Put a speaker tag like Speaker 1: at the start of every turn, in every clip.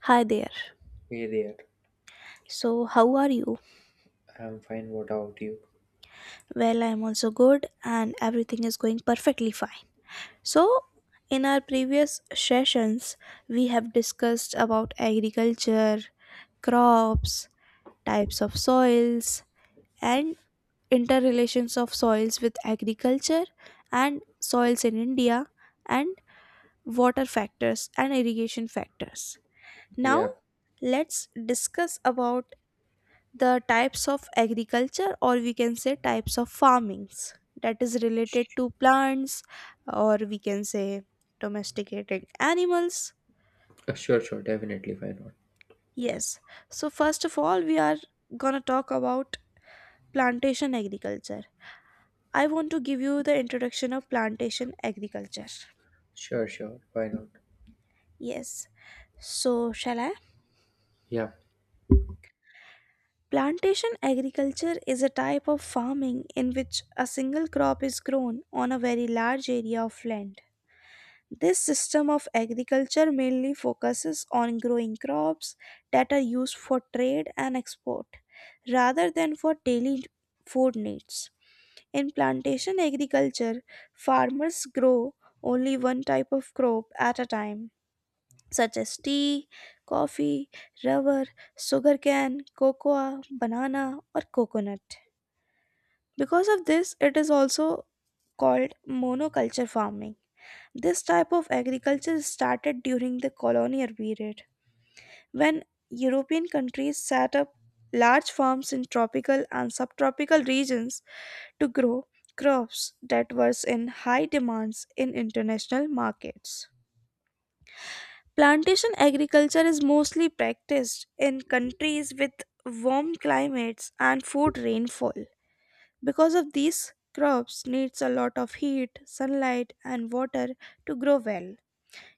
Speaker 1: Hi there.
Speaker 2: Hey there,
Speaker 1: So, how are you?
Speaker 2: I'm fine. What about you?
Speaker 1: Well, I'm also good and everything is going perfectly fine. So, in our previous sessions, we have discussed about agriculture, crops, types of soils, and interrelations of soils with agriculture and soils in India and water factors and irrigation factors. Now,
Speaker 2: Yeah,
Speaker 1: let's discuss about the types of agriculture, or we can say types of farmings that is related to plants, or we can say domesticated animals.
Speaker 2: sure, sure, definitely, why not?
Speaker 1: Yes, so first of all, we are gonna talk about plantation agriculture. I want to give you the introduction of plantation agriculture.
Speaker 2: Sure, sure. Why not?
Speaker 1: Yes, so shall I?
Speaker 2: Yeah,
Speaker 1: Plantation agriculture is a type of farming in which a single crop is grown on a very large area of land. This system of agriculture mainly focuses on growing crops that are used for trade and export rather than for daily food needs. In plantation agriculture, farmers grow only one type of crop at a time, such as tea, coffee, rubber, sugarcane, cocoa, banana, or coconut. Because of this, it is also called monoculture farming. This type of agriculture started during the colonial period when European countries set up large farms in tropical and subtropical regions to grow crops that were in high demands in international markets. Plantation agriculture is mostly practiced in countries with warm climates and food rainfall. Because of these crops needs a lot of heat, sunlight and water to grow well.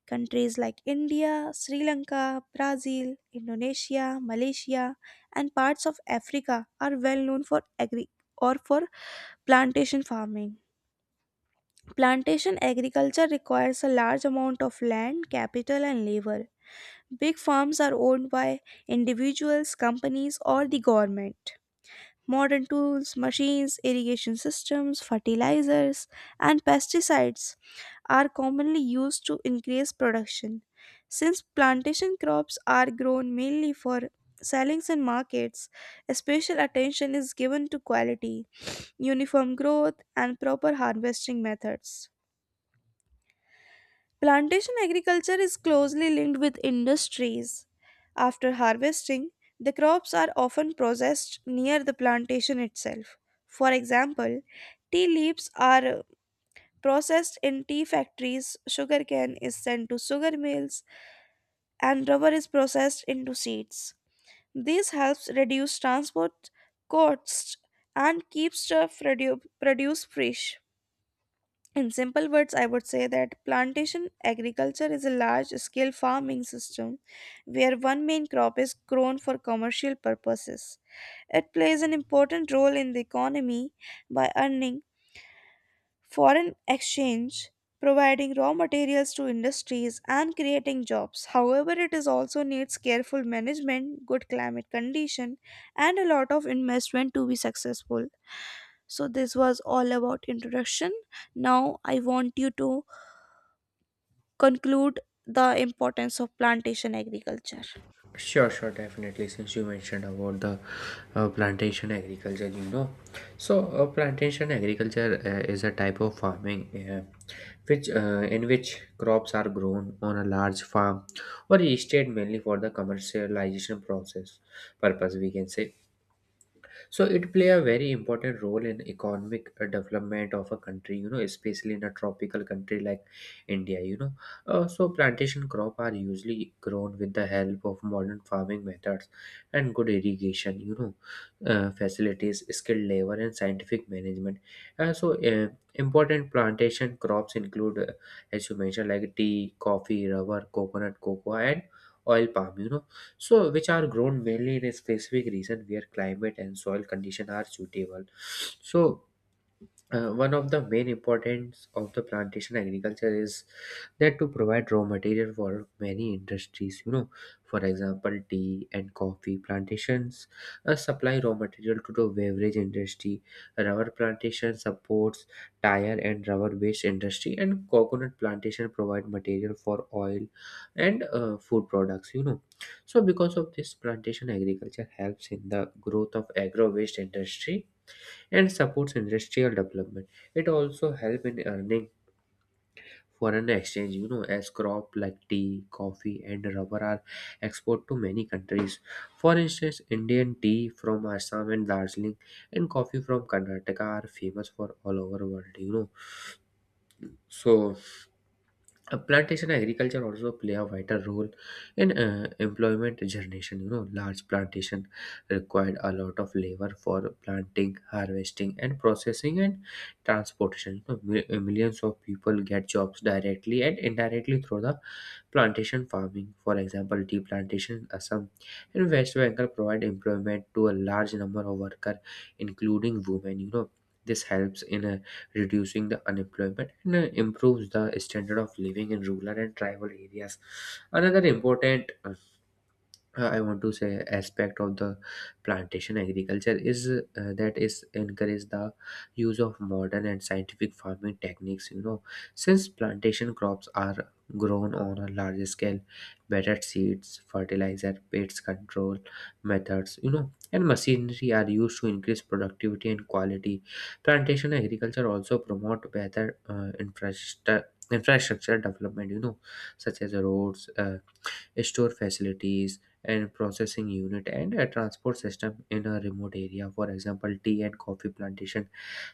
Speaker 1: Countries like India, Sri Lanka, Brazil, Indonesia, Malaysia and parts of Africa are well known for agri or for plantation farming. Plantation agriculture requires a large amount of land, capital, and labor. Big farms are owned by individuals, companies, or the government. Modern tools, machines, irrigation systems, fertilizers, and pesticides are commonly used to increase production. Since plantation crops are grown mainly for sellings in markets, special attention is given to quality, uniform growth, and proper harvesting methods. Plantation agriculture is closely linked with industries. After harvesting, the crops are often processed near the plantation itself. For example, tea leaves are processed in tea factories, sugarcane is sent to sugar mills, and rubber is processed into seeds. This helps reduce transport costs and keeps the produce fresh. In simple words, I would say that plantation agriculture is a large scale farming system where one main crop is grown for commercial purposes. It plays an important role in the economy by earning foreign exchange, providing raw materials to industries, and creating jobs. However, it is also needs careful management, good climate condition, and a lot of investment to be successful. So this was all about introduction. Now I want you to conclude the importance of plantation agriculture.
Speaker 2: Sure, sure, definitely. Since you mentioned about the plantation agriculture, plantation agriculture is a type of farming which in which crops are grown on a large farm or estate mainly for the commercialization process purpose, we can say. So it play a very important role in economic development of a country, you know, especially in a tropical country like India. So plantation crop are usually grown with the help of modern farming methods and good irrigation, facilities, skilled labor, and scientific management. uh, so uh, Important plantation crops include, as you mentioned, like tea, coffee, rubber, coconut, cocoa, and oil palm, so which are grown mainly in a specific region where climate and soil condition are suitable. so One of the main importance of the plantation agriculture is that to provide raw material for many industries, you know. For example, tea and coffee plantations supply raw material to the beverage industry, rubber plantation supports tire and rubber based industry, and coconut plantation provide material for oil and food products, you know. So because of this, plantation agriculture helps in the growth of agro waste industry and supports industrial development. It also helps in earning foreign exchange, you know, as crop like tea, coffee, and rubber are exported to many countries. For instance, Indian tea from Assam and Darjeeling and coffee from Karnataka are famous for all over world, you know. So Plantation agriculture also play a vital role in employment generation, you know. Large plantation required a lot of labor for planting, harvesting, and processing, and transportation, you know. Millions of people get jobs directly and indirectly through the plantation farming. For example, tea plantation in Assam and West Bengal provide employment to a large number of workers, including women, you know. This helps in reducing the unemployment and improves the standard of living in rural and tribal areas. Another important I want to say aspect of the plantation agriculture is that is encourage the use of modern and scientific farming techniques. You know, since plantation crops are grown on a large scale, better seeds, fertilizer, pest control methods, you know, and machinery are used to increase productivity and quality. Plantation agriculture also promote better infrastructure development, you know, such as roads, store facilities, and processing unit, and a transport system in a remote area. For example, tea and coffee plantation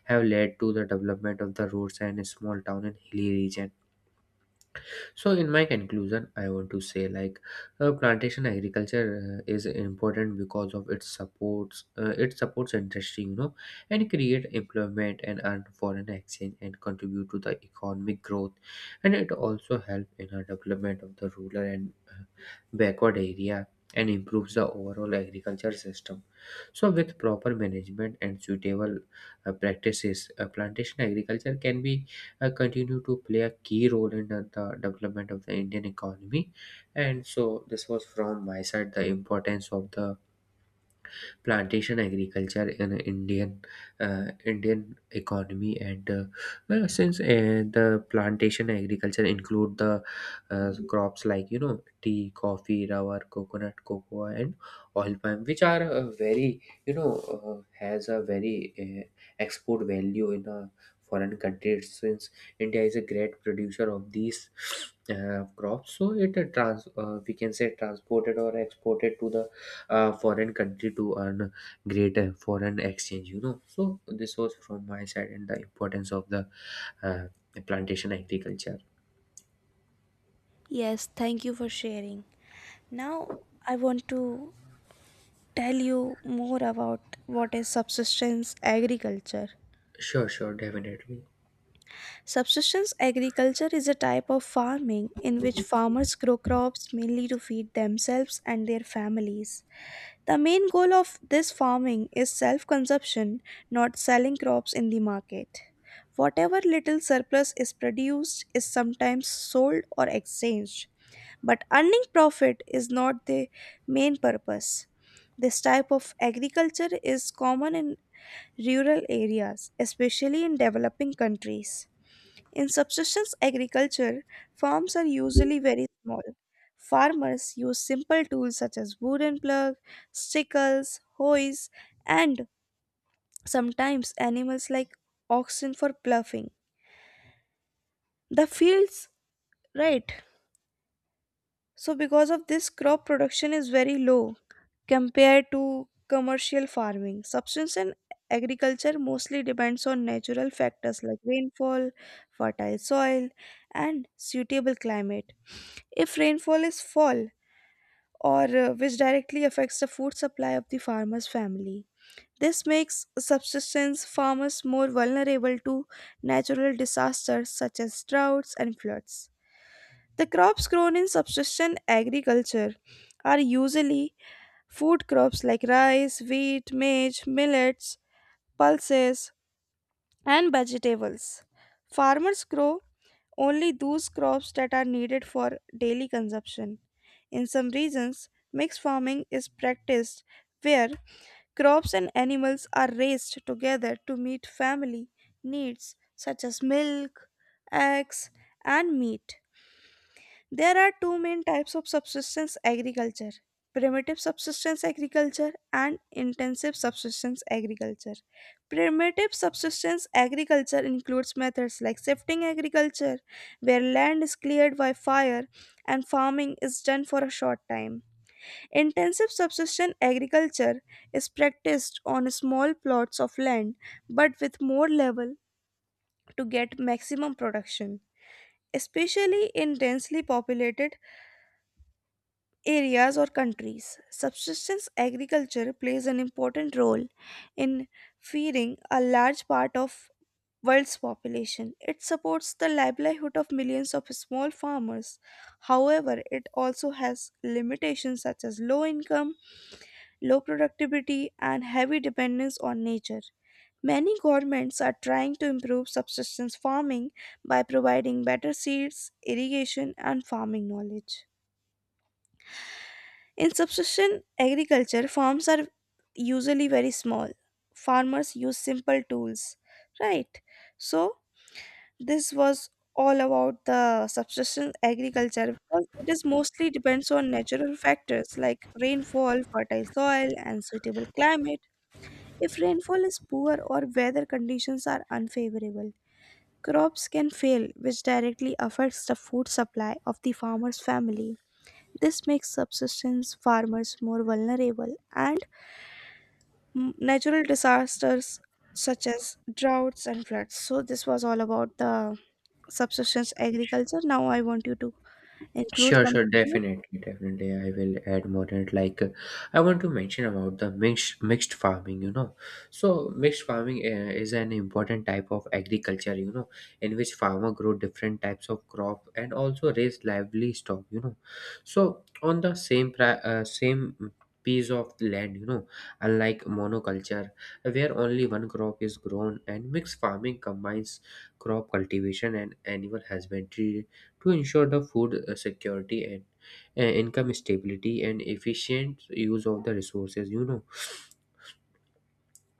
Speaker 2: have led to the development of the roads and a small town in hilly region. So in my conclusion, I want to say like, plantation agriculture is important because of its supports it supports industry, you know, and create employment, and earn foreign exchange, and contribute to the economic growth, and it also help in the development of the rural and backward area, and improves the overall agriculture system. So with proper management and suitable practices, plantation agriculture can be continue to play a key role in the development of the Indian economy. And so, this was from my side the importance of the plantation agriculture in Indian economy. And uh, well, since the plantation agriculture include the crops like, you know, tea, coffee, rubber, coconut, cocoa, and oil palm, which are very you know has a very uh, export value in a foreign country. Since India is a great producer of these crops, so it trans we can say transported or exported to the foreign country to earn greater foreign exchange, you know. So this was from my side and the importance of the uh, plantation agriculture.
Speaker 1: Yes, thank you for sharing. Now I want to tell you more about what is subsistence agriculture.
Speaker 2: Sure, sure, definitely.
Speaker 1: Subsistence agriculture is a type of farming in which farmers grow crops mainly to feed themselves and their families. The main goal of this farming is self consumption, not selling crops in the market. Whatever little surplus is produced is sometimes sold or exchanged, but earning profit is not the main purpose. This type of agriculture is common in rural areas, especially in developing countries. In subsistence agriculture, farms are usually very small. Farmers use simple tools such as wooden plug, sickles, hoes, and sometimes animals like oxen for ploughing. The fields, right? So, because of this, crop production is very low compared to commercial farming. Subsistence and agriculture mostly depends on natural factors like rainfall, fertile soil, and suitable climate. If rainfall is fall, or which directly affects the food supply of the farmer's family. This makes subsistence farmers more vulnerable to natural disasters such as droughts and floods. The crops grown in subsistence agriculture are usually food crops like rice, wheat, maize, millets, pulses, and vegetables. Farmers grow only those crops that are needed for daily consumption. In some regions, mixed farming is practiced where crops and animals are raised together to meet family needs such as milk, eggs, and meat. There are two main types of subsistence agriculture: primitive subsistence agriculture and intensive subsistence agriculture. Primitive subsistence agriculture includes methods like shifting agriculture, where land is cleared by fire and farming is done for a short time. Intensive subsistence agriculture is practiced on small plots of land but with more level to get maximum production, especially in densely populated areas or countries. Subsistence agriculture plays an important role in feeding a large part of world's population. It supports the livelihood of millions of small farmers. However, it also has limitations such as low income, low productivity, and heavy dependence on nature. Many governments are trying to improve subsistence farming by providing better seeds, irrigation, and farming knowledge. In subsistence agriculture, farms are usually very small. Farmers use simple tools, right? So, this was all about the subsistence agriculture, because it is mostly depends on natural factors like rainfall, fertile soil, and suitable climate. If rainfall is poor or weather conditions are unfavorable, crops can fail, which directly affects the food supply of the farmer's family. This makes subsistence farmers more vulnerable and natural disasters such as droughts and floods. So, this was all about the subsistence agriculture. Now, I want you to include
Speaker 2: Sure, sure,
Speaker 1: something in it.
Speaker 2: definitely, definitely. I will add more in it. I want to mention about the mixed farming. You know, so mixed farming is an important type of agriculture. You know, in which farmer grow different types of crop and also raise livestock. You know, so on the same piece of land. You know, unlike monoculture, where only one crop is grown, and mixed farming combines crop cultivation and animal husbandry to ensure the food, security, and income stability, and efficient use of the resources, you know.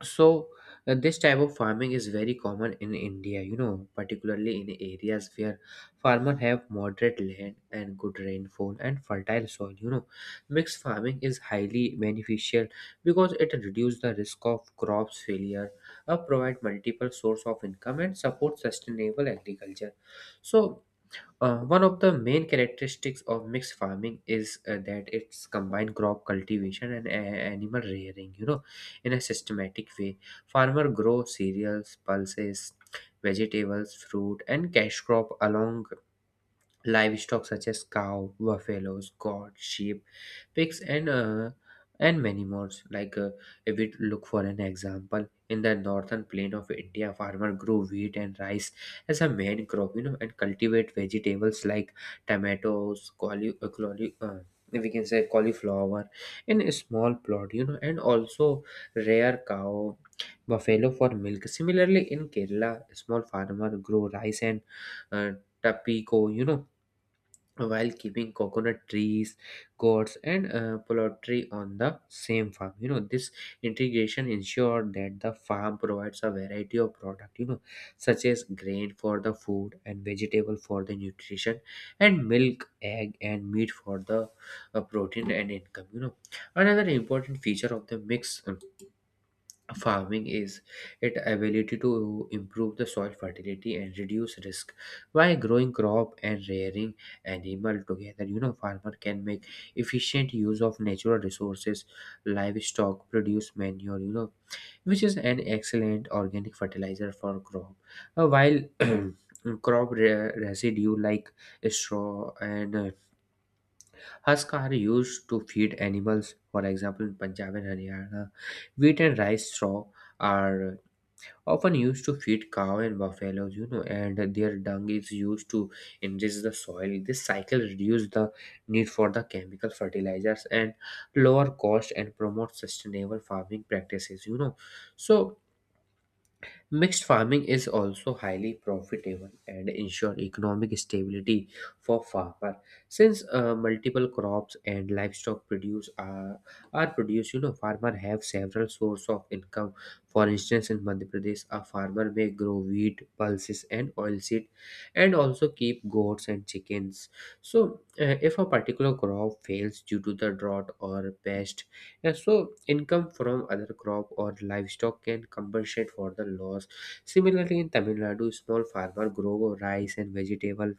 Speaker 2: so this type of farming is very common in India, you know, particularly in areas where farmers have moderate land and good rainfall and fertile soil, you know. Mixed farming is highly beneficial because it reduces the risk of crops failure, provide multiple source of income, and support sustainable agriculture. so One of the main characteristics of mixed farming is that it's combined crop cultivation and animal rearing, you know, in a systematic way. Farmer grow cereals, pulses, vegetables, fruit, and cash crop along livestock such as cow, buffaloes, goat, sheep, pigs, and many more. If we look for an example, in the northern plain of India, farmer grew wheat and rice as a main crop, you know, and cultivate vegetables like tomatoes, we can say cauliflower in a small plot, you know, and also rare cow, buffalo for milk. Similarly, in Kerala, small farmer grow rice and uh, tapioca, you know, while keeping coconut trees, gourds, and poultry on the same farm. You know, this integration ensured that the farm provides a variety of product. You know, such as grain for the food and vegetable for the nutrition, and milk, egg, and meat for the protein and income. You know, another important feature of the mix. Farming is its ability to improve the soil fertility and reduce risk by growing crop and rearing animal together, you know. Farmer can make efficient use of natural resources. Livestock produce manure, you know, which is an excellent organic fertilizer for crop. While residue like straw and husk are used to feed animals. For example, in Punjab and Haryana, wheat and rice straw are often used to feed cow and buffaloes, you know, and their dung is used to enrich the soil. This cycle reduces the need for the chemical fertilizers and lower cost, and promotes sustainable farming practices, you know. So mixed farming is also highly profitable and ensure economic stability for farmer. Since multiple crops and livestock produce are produced, you know, farmer have several source of income. For instance, in Madhya Pradesh, a farmer may grow wheat, pulses, and oilseed, and also keep goats and chickens. So if a particular crop fails due to the drought or pest, yeah, so income from other crop or livestock can compensate for the loss. Similarly, in Tamil Nadu, small farmer grow rice and vegetable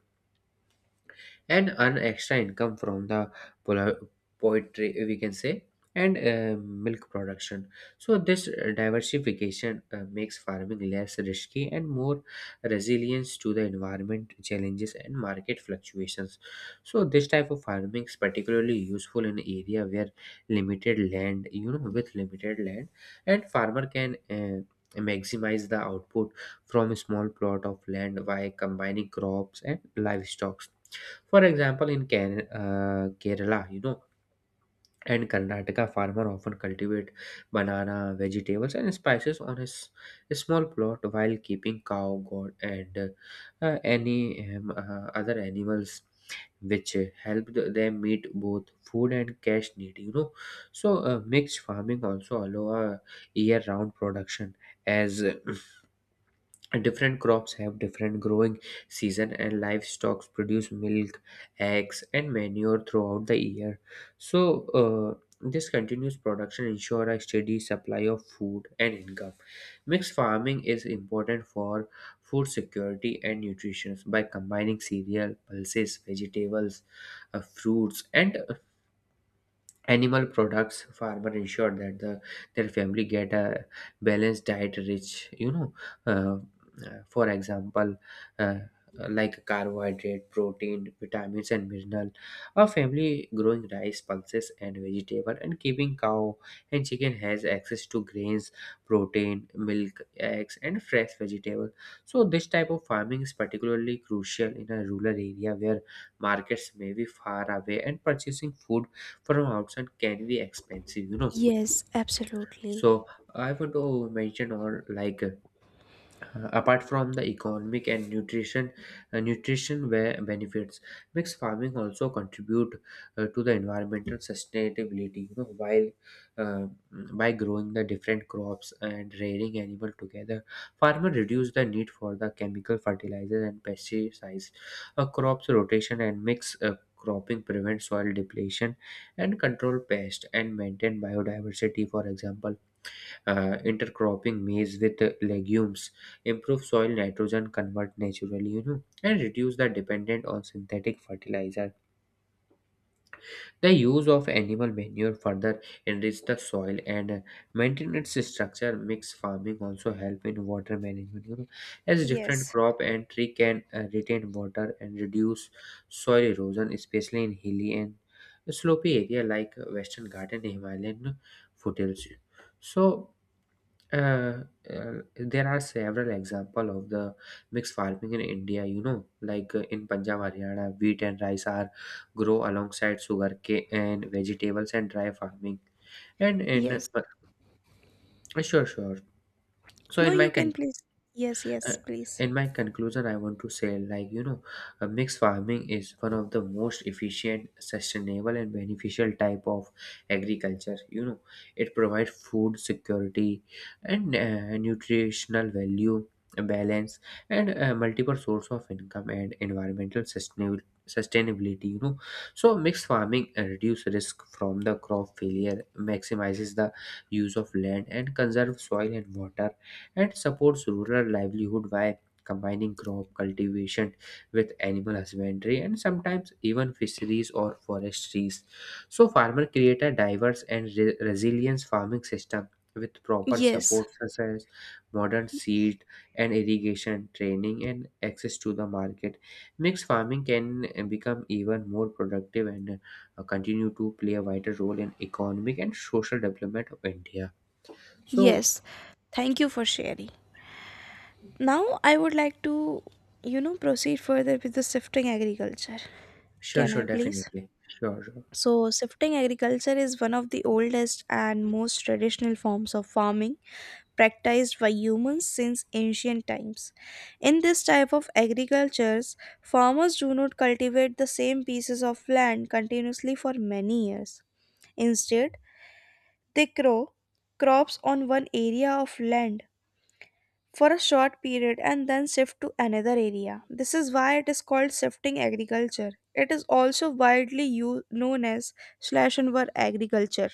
Speaker 2: and earn extra income from the pol- poetry, we can say, and milk production. So this diversification makes farming less risky and more resilience to the environment challenges and market fluctuations. So this type of farming is particularly useful in area where limited land you know with limited land, and farmer can maximize the output from a small plot of land by combining crops and livestock. For example, in Can Kerala, you know, and Karnataka, farmer often cultivate banana, vegetables, and spices on a small plot while keeping cow, goat, and any other animals, which them meet both food and cash need. So mixed farming also allow a year-round production as different crops have different growing season and livestock produce milk, eggs, and manure throughout the year. So this continuous production ensure a steady supply of food and income. Mixed farming is important for food security and nutrition. By combining cereal, pulses, vegetables, fruits, and animal products, farmer ensure that their family get a balanced diet rich, uh, for example, uh, like carbohydrate, protein, vitamins, and mineral. A family growing rice, pulses, and vegetable and keeping cow and chicken has access to grains, protein, milk, eggs, and fresh vegetable. So this type of farming is particularly crucial in a rural area where markets may be far away and purchasing food from outside can be expensive.
Speaker 1: Yes, absolutely.
Speaker 2: So I want to mention, or like, apart from the economic and nutrition where benefits, mixed farming also contribute to the environmental sustainability, while uh, by growing the different crops and rearing animal together, farmer reduce the need for the chemical fertilizers and pesticides. A crops rotation and mix cropping prevent soil depletion and control pests and maintain biodiversity. For example, intercropping maize with legumes improve soil nitrogen convert naturally, and reduce the dependent on synthetic fertilizer. The use of animal manure further enrich the soil and maintain its structure. Mixed farming also help in water management, as different
Speaker 1: Yes,
Speaker 2: crop and tree can retain water and reduce soil erosion, especially in hilly and slopy area like Western Ghats and Himalayan foothills. So uh, uh, there are several example of the mixed farming in India. Like, in Punjab, Haryana, wheat and rice are grow alongside sugarcane and vegetables and dry farming. And in
Speaker 1: yes.
Speaker 2: sure, sure. So
Speaker 1: No,
Speaker 2: in my
Speaker 1: you can
Speaker 2: country.
Speaker 1: please. Yes, yes,
Speaker 2: Uh,
Speaker 1: please.
Speaker 2: in my conclusion, I want to say, like, mixed farming is one of the most efficient, sustainable, and beneficial type of agriculture. It provides food security and nutritional value, balance, and multiple source of income and environmental sustainability. Sustainability. So mixed farming reduce risk from the crop failure, maximizes the use of land, and conserve soil and water and supports rural livelihood by combining crop cultivation with animal husbandry and sometimes even fisheries or forestries. So farmer create a diverse and resilient farming system with proper
Speaker 1: Yes,
Speaker 2: support such as modern seed and irrigation training and access to the market. Mixed farming can become even more productive and continue to play a vital role in economic and social development of India. So.
Speaker 1: yes. Thank you for sharing. Now, I would like to, you know, proceed further with the shifting agriculture.
Speaker 2: Sure,
Speaker 1: Can
Speaker 2: sure,
Speaker 1: I please?
Speaker 2: definitely. Sure, sure.
Speaker 1: So, shifting agriculture is one of the oldest and most traditional forms of farming practiced by humans since ancient times. In this type of agricultures, farmers do not cultivate the same pieces of land continuously for many years. Instead, they grow crops on one area of land for a short period and then shift to another area. This is why it is called shifting agriculture. It is also widely known as slash and burn agriculture.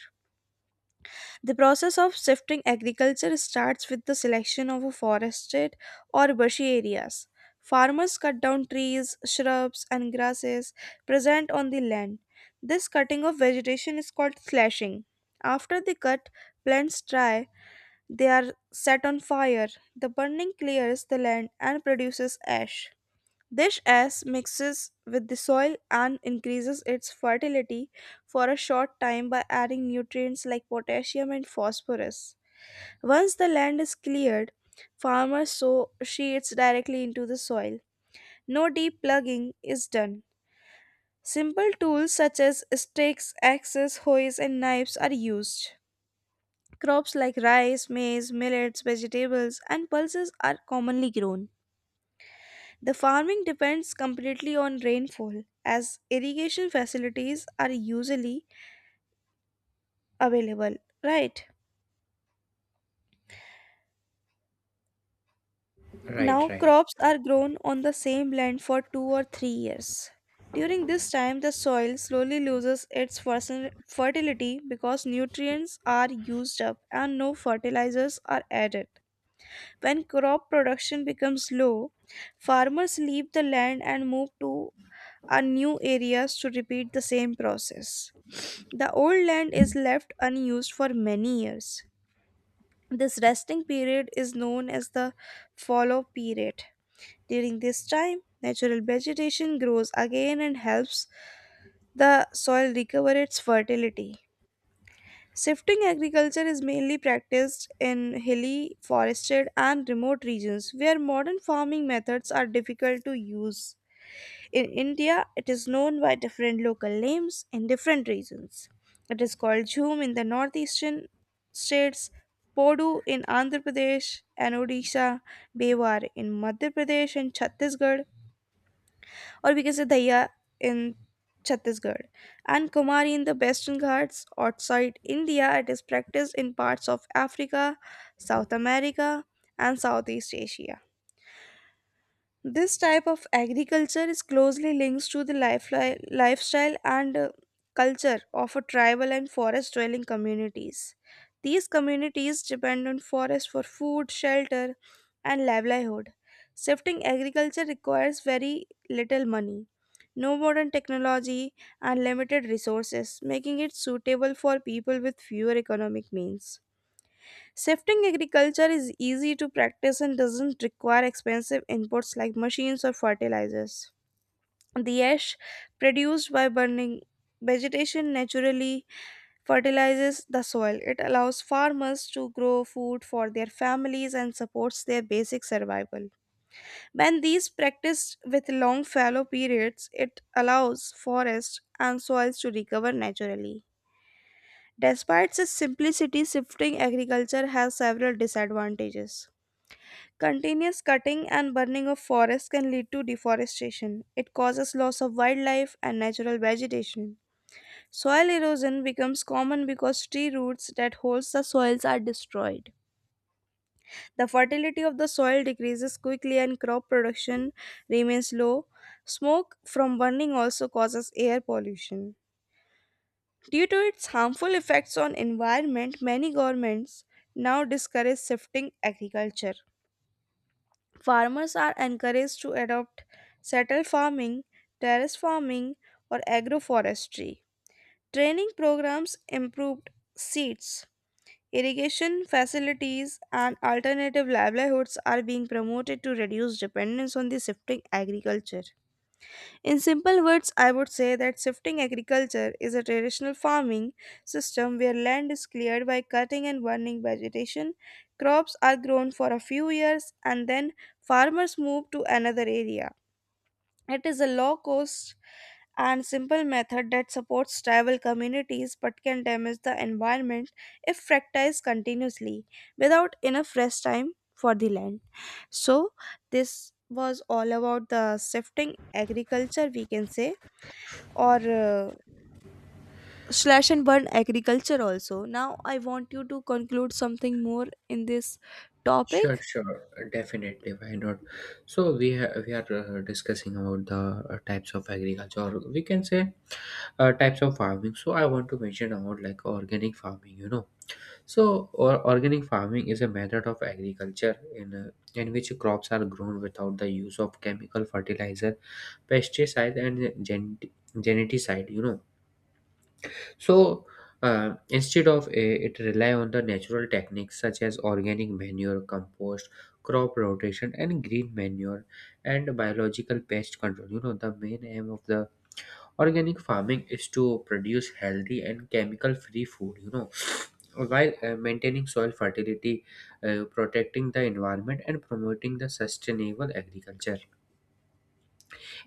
Speaker 1: The process of shifting agriculture starts with the selection of a forested or bushy areas. Farmers cut down trees, shrubs, and grasses present on the land. This cutting of vegetation is called slashing. After the cut, plants dry, they are set on fire. The burning clears the land and produces ash. This ash mixes with the soil and increases its fertility for a short time by adding nutrients like potassium and phosphorus. Once the land is cleared, farmers sow seeds directly into the soil. No deep plugging is done. Simple tools such as stakes, axes, hoes, and knives are used. Crops like rice, maize, millets, vegetables, and pulses are commonly grown. The farming depends completely on rainfall, as irrigation facilities are usually available. Right
Speaker 2: Right,
Speaker 1: now,
Speaker 2: right.
Speaker 1: crops are grown on the same land for 2 or 3 years. During this time, the soil slowly loses its fertility because nutrients are used up and no fertilizers are added. When crop production becomes low, farmers leave the land and move to a new areas to repeat the same process. The old land is left unused for many years. This resting period is known as the fallow period. During this time, natural vegetation grows again and helps the soil recover its fertility. Sifting agriculture is mainly practiced in hilly, forested, and remote regions where modern farming methods are difficult to use. In India, it is known by different local names in different regions. It is called jhum in the northeastern states, podu in Andhra Pradesh and Odisha, bewar in Madhya Pradesh and Chhattisgarh, or we can say Daya in Chhattisgarh, and Kumari in the Western Ghats. Outside India, it is practiced in parts of Africa, South America, and Southeast Asia. This type of agriculture is closely linked to the lifestyle and culture of a tribal and forest dwelling communities. These communities depend on forest for food, shelter, and livelihood. Shifting agriculture requires very little money, no modern technology, and limited resources, making it suitable for people with fewer economic means. Shifting agriculture is easy to practice and doesn't require expensive inputs like machines or fertilizers. The ash produced by burning vegetation naturally fertilizes the soil. It allows farmers to grow food for their families and supports their basic survival. When these practiced with long fallow periods, it allows forests and soils to recover naturally. Despite its simplicity, shifting agriculture has several disadvantages. Continuous cutting and burning of forests can lead to deforestation. It causes loss of wildlife and natural vegetation. Soil erosion becomes common because tree roots that holds the soils are destroyed. The fertility of the soil decreases quickly and crop production remains low. Smoke from burning also causes air pollution. Due to its harmful effects on environment, many governments now discourage shifting agriculture. Farmers are encouraged to adopt settle farming, terrace farming, or agroforestry. Training programs, improved seeds, irrigation facilities and alternative livelihoods are being promoted to reduce dependence on the shifting agriculture. In simple words, I would say that shifting agriculture is a traditional farming system where land is cleared by cutting and burning vegetation. Crops are grown for a few years and then farmers move to another area. It is a low cost and simple method that supports tribal communities but can damage the environment if practiced continuously without enough rest time for the land. So, this was all about the shifting agriculture, we can say, or slash and burn agriculture also. Now, I want you to conclude something more in this
Speaker 2: Sure,
Speaker 1: topic.
Speaker 2: sure, definitely. Why not? So we are discussing about the types of agriculture, or we can say types of farming. So I want to mention about like organic farming. Or organic farming is a method of agriculture in which crops are grown without the use of chemical fertilizer, pesticide, and geneticide. So instead of a, it rely on the natural techniques such as organic manure, compost, crop rotation, and green manure and biological pest control. The main aim of the organic farming is to produce healthy and chemical-free food. While maintaining soil fertility, protecting the environment, and promoting the sustainable agriculture.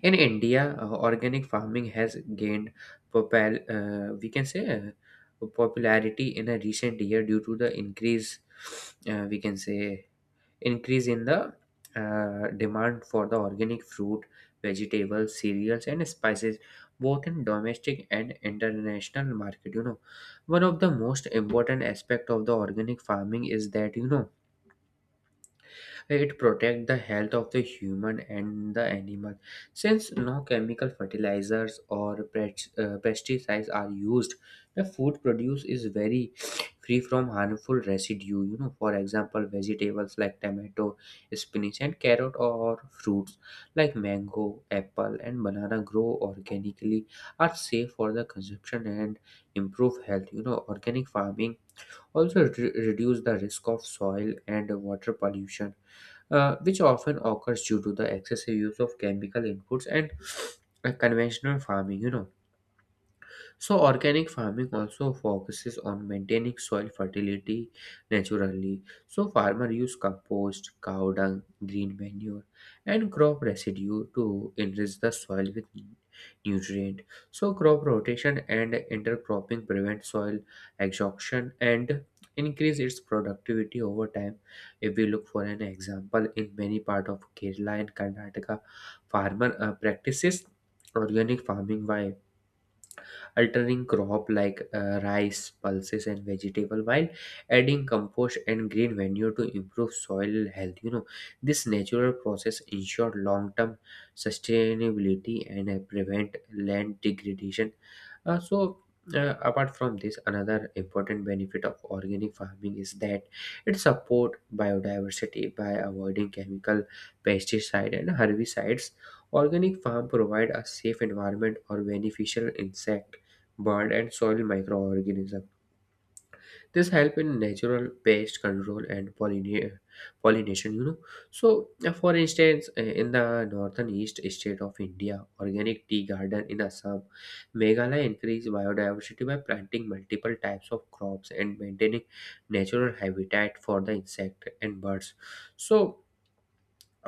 Speaker 2: In India, organic farming has gained we can say popularity in a recent year due to the increase we can say increase in the demand for the organic fruit, vegetables, cereals, and spices, both in domestic and international market. One of the most important aspect of the organic farming is that it protects the health of the human and the animal. Since no chemical fertilizers or pesticides are used, the food produce is very free from harmful residue. For example, vegetables like tomato, spinach, and carrot, or fruits like mango, apple, and banana grow organically are safe for the consumption and improve health. Organic farming also reduce the risk of soil and water pollution, which often occurs due to the excessive use of chemical inputs and conventional farming. So, organic farming also focuses on maintaining soil fertility naturally. So, farmer use compost, cow dung, green manure, and crop residue to enrich the soil with nutrient. So, crop rotation and intercropping prevent soil exhaustion and increase its productivity over time. If we look for an example, in many part of Kerala and Karnataka, farmer practices organic farming by alternating crop like rice, pulses, and vegetable while adding compost and green manure to improve soil health. This natural process ensure long-term sustainability and prevent land degradation. Uh, so. Apart from this, another important benefit of organic farming is that it supports biodiversity by avoiding chemical pesticide and herbicides. Organic farm provide a safe environment or beneficial insect, bird, and soil microorganisms. This help in natural pest control and pollination. For instance, in the northern east state of India, organic tea garden in Assam, Meghalaya increase biodiversity by planting multiple types of crops and maintaining natural habitat for the insect and birds. So,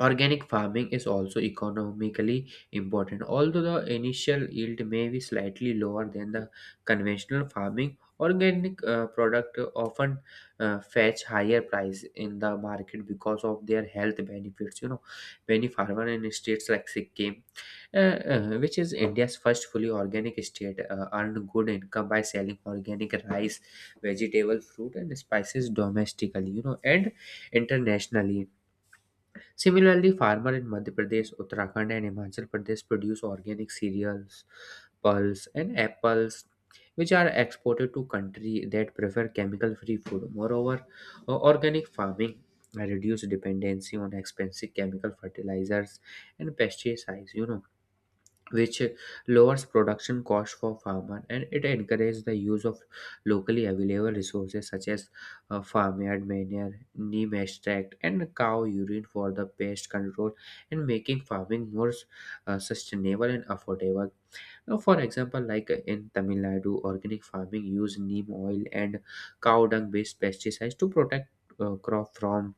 Speaker 2: organic farming is also economically important, although the initial yield may be slightly lower than the conventional farming. Organic product often fetch higher price in the market because of their health benefits. Many farmer in states like Sikkim, which is India's first fully organic state, earn good income by selling organic rice, vegetable, fruit, and spices domestically. And internationally. Similarly, farmer in Madhya Pradesh, Uttarakhand, and Himachal Pradesh produce organic cereals, pulse, and apples, which are exported to country that prefer chemical-free food. Moreover, organic farming reduce dependency on expensive chemical fertilizers and pesticides, which lowers production cost for farmer, and it encourages the use of locally available resources such as farmyard manure, neem extract, and cow urine for the pest control and making farming more sustainable and affordable. Now, for example, like in Tamil Nadu, organic farming use neem oil and cow dung based pesticides to protect crop from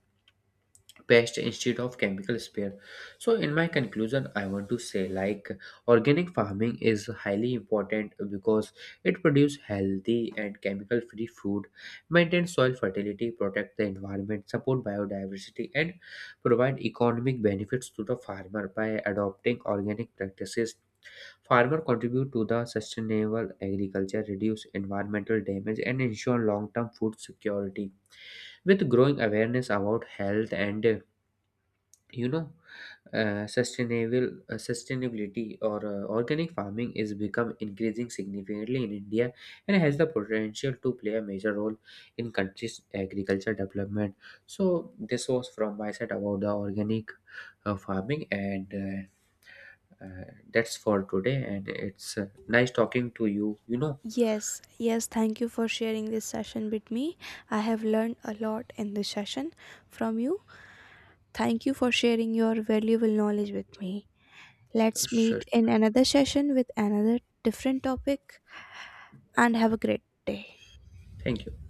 Speaker 2: pest instead of chemical spray. So in my conclusion I want to say, like, organic farming is highly important because it produces healthy and chemical free food, maintain soil fertility, protect the environment, support biodiversity, and provide economic benefits to the farmer. By adopting organic practices, farmer contribute to the sustainable agriculture, reduce environmental damage, and ensure long term food security. With growing awareness about health and you know sustainable sustainability or organic farming is become increasing significantly in India and has the potential to play a major role in country's agriculture development. So this was from my side about the organic farming, and that's for today, and it's nice talking to you you know
Speaker 1: Yes, yes, thank you for sharing this session with me. I have learned a lot in this session from you. Thank you for sharing your valuable knowledge with me. Let's
Speaker 2: Sure,
Speaker 1: meet in
Speaker 2: sure.
Speaker 1: another session with another different topic and have a great day.
Speaker 2: Thank you.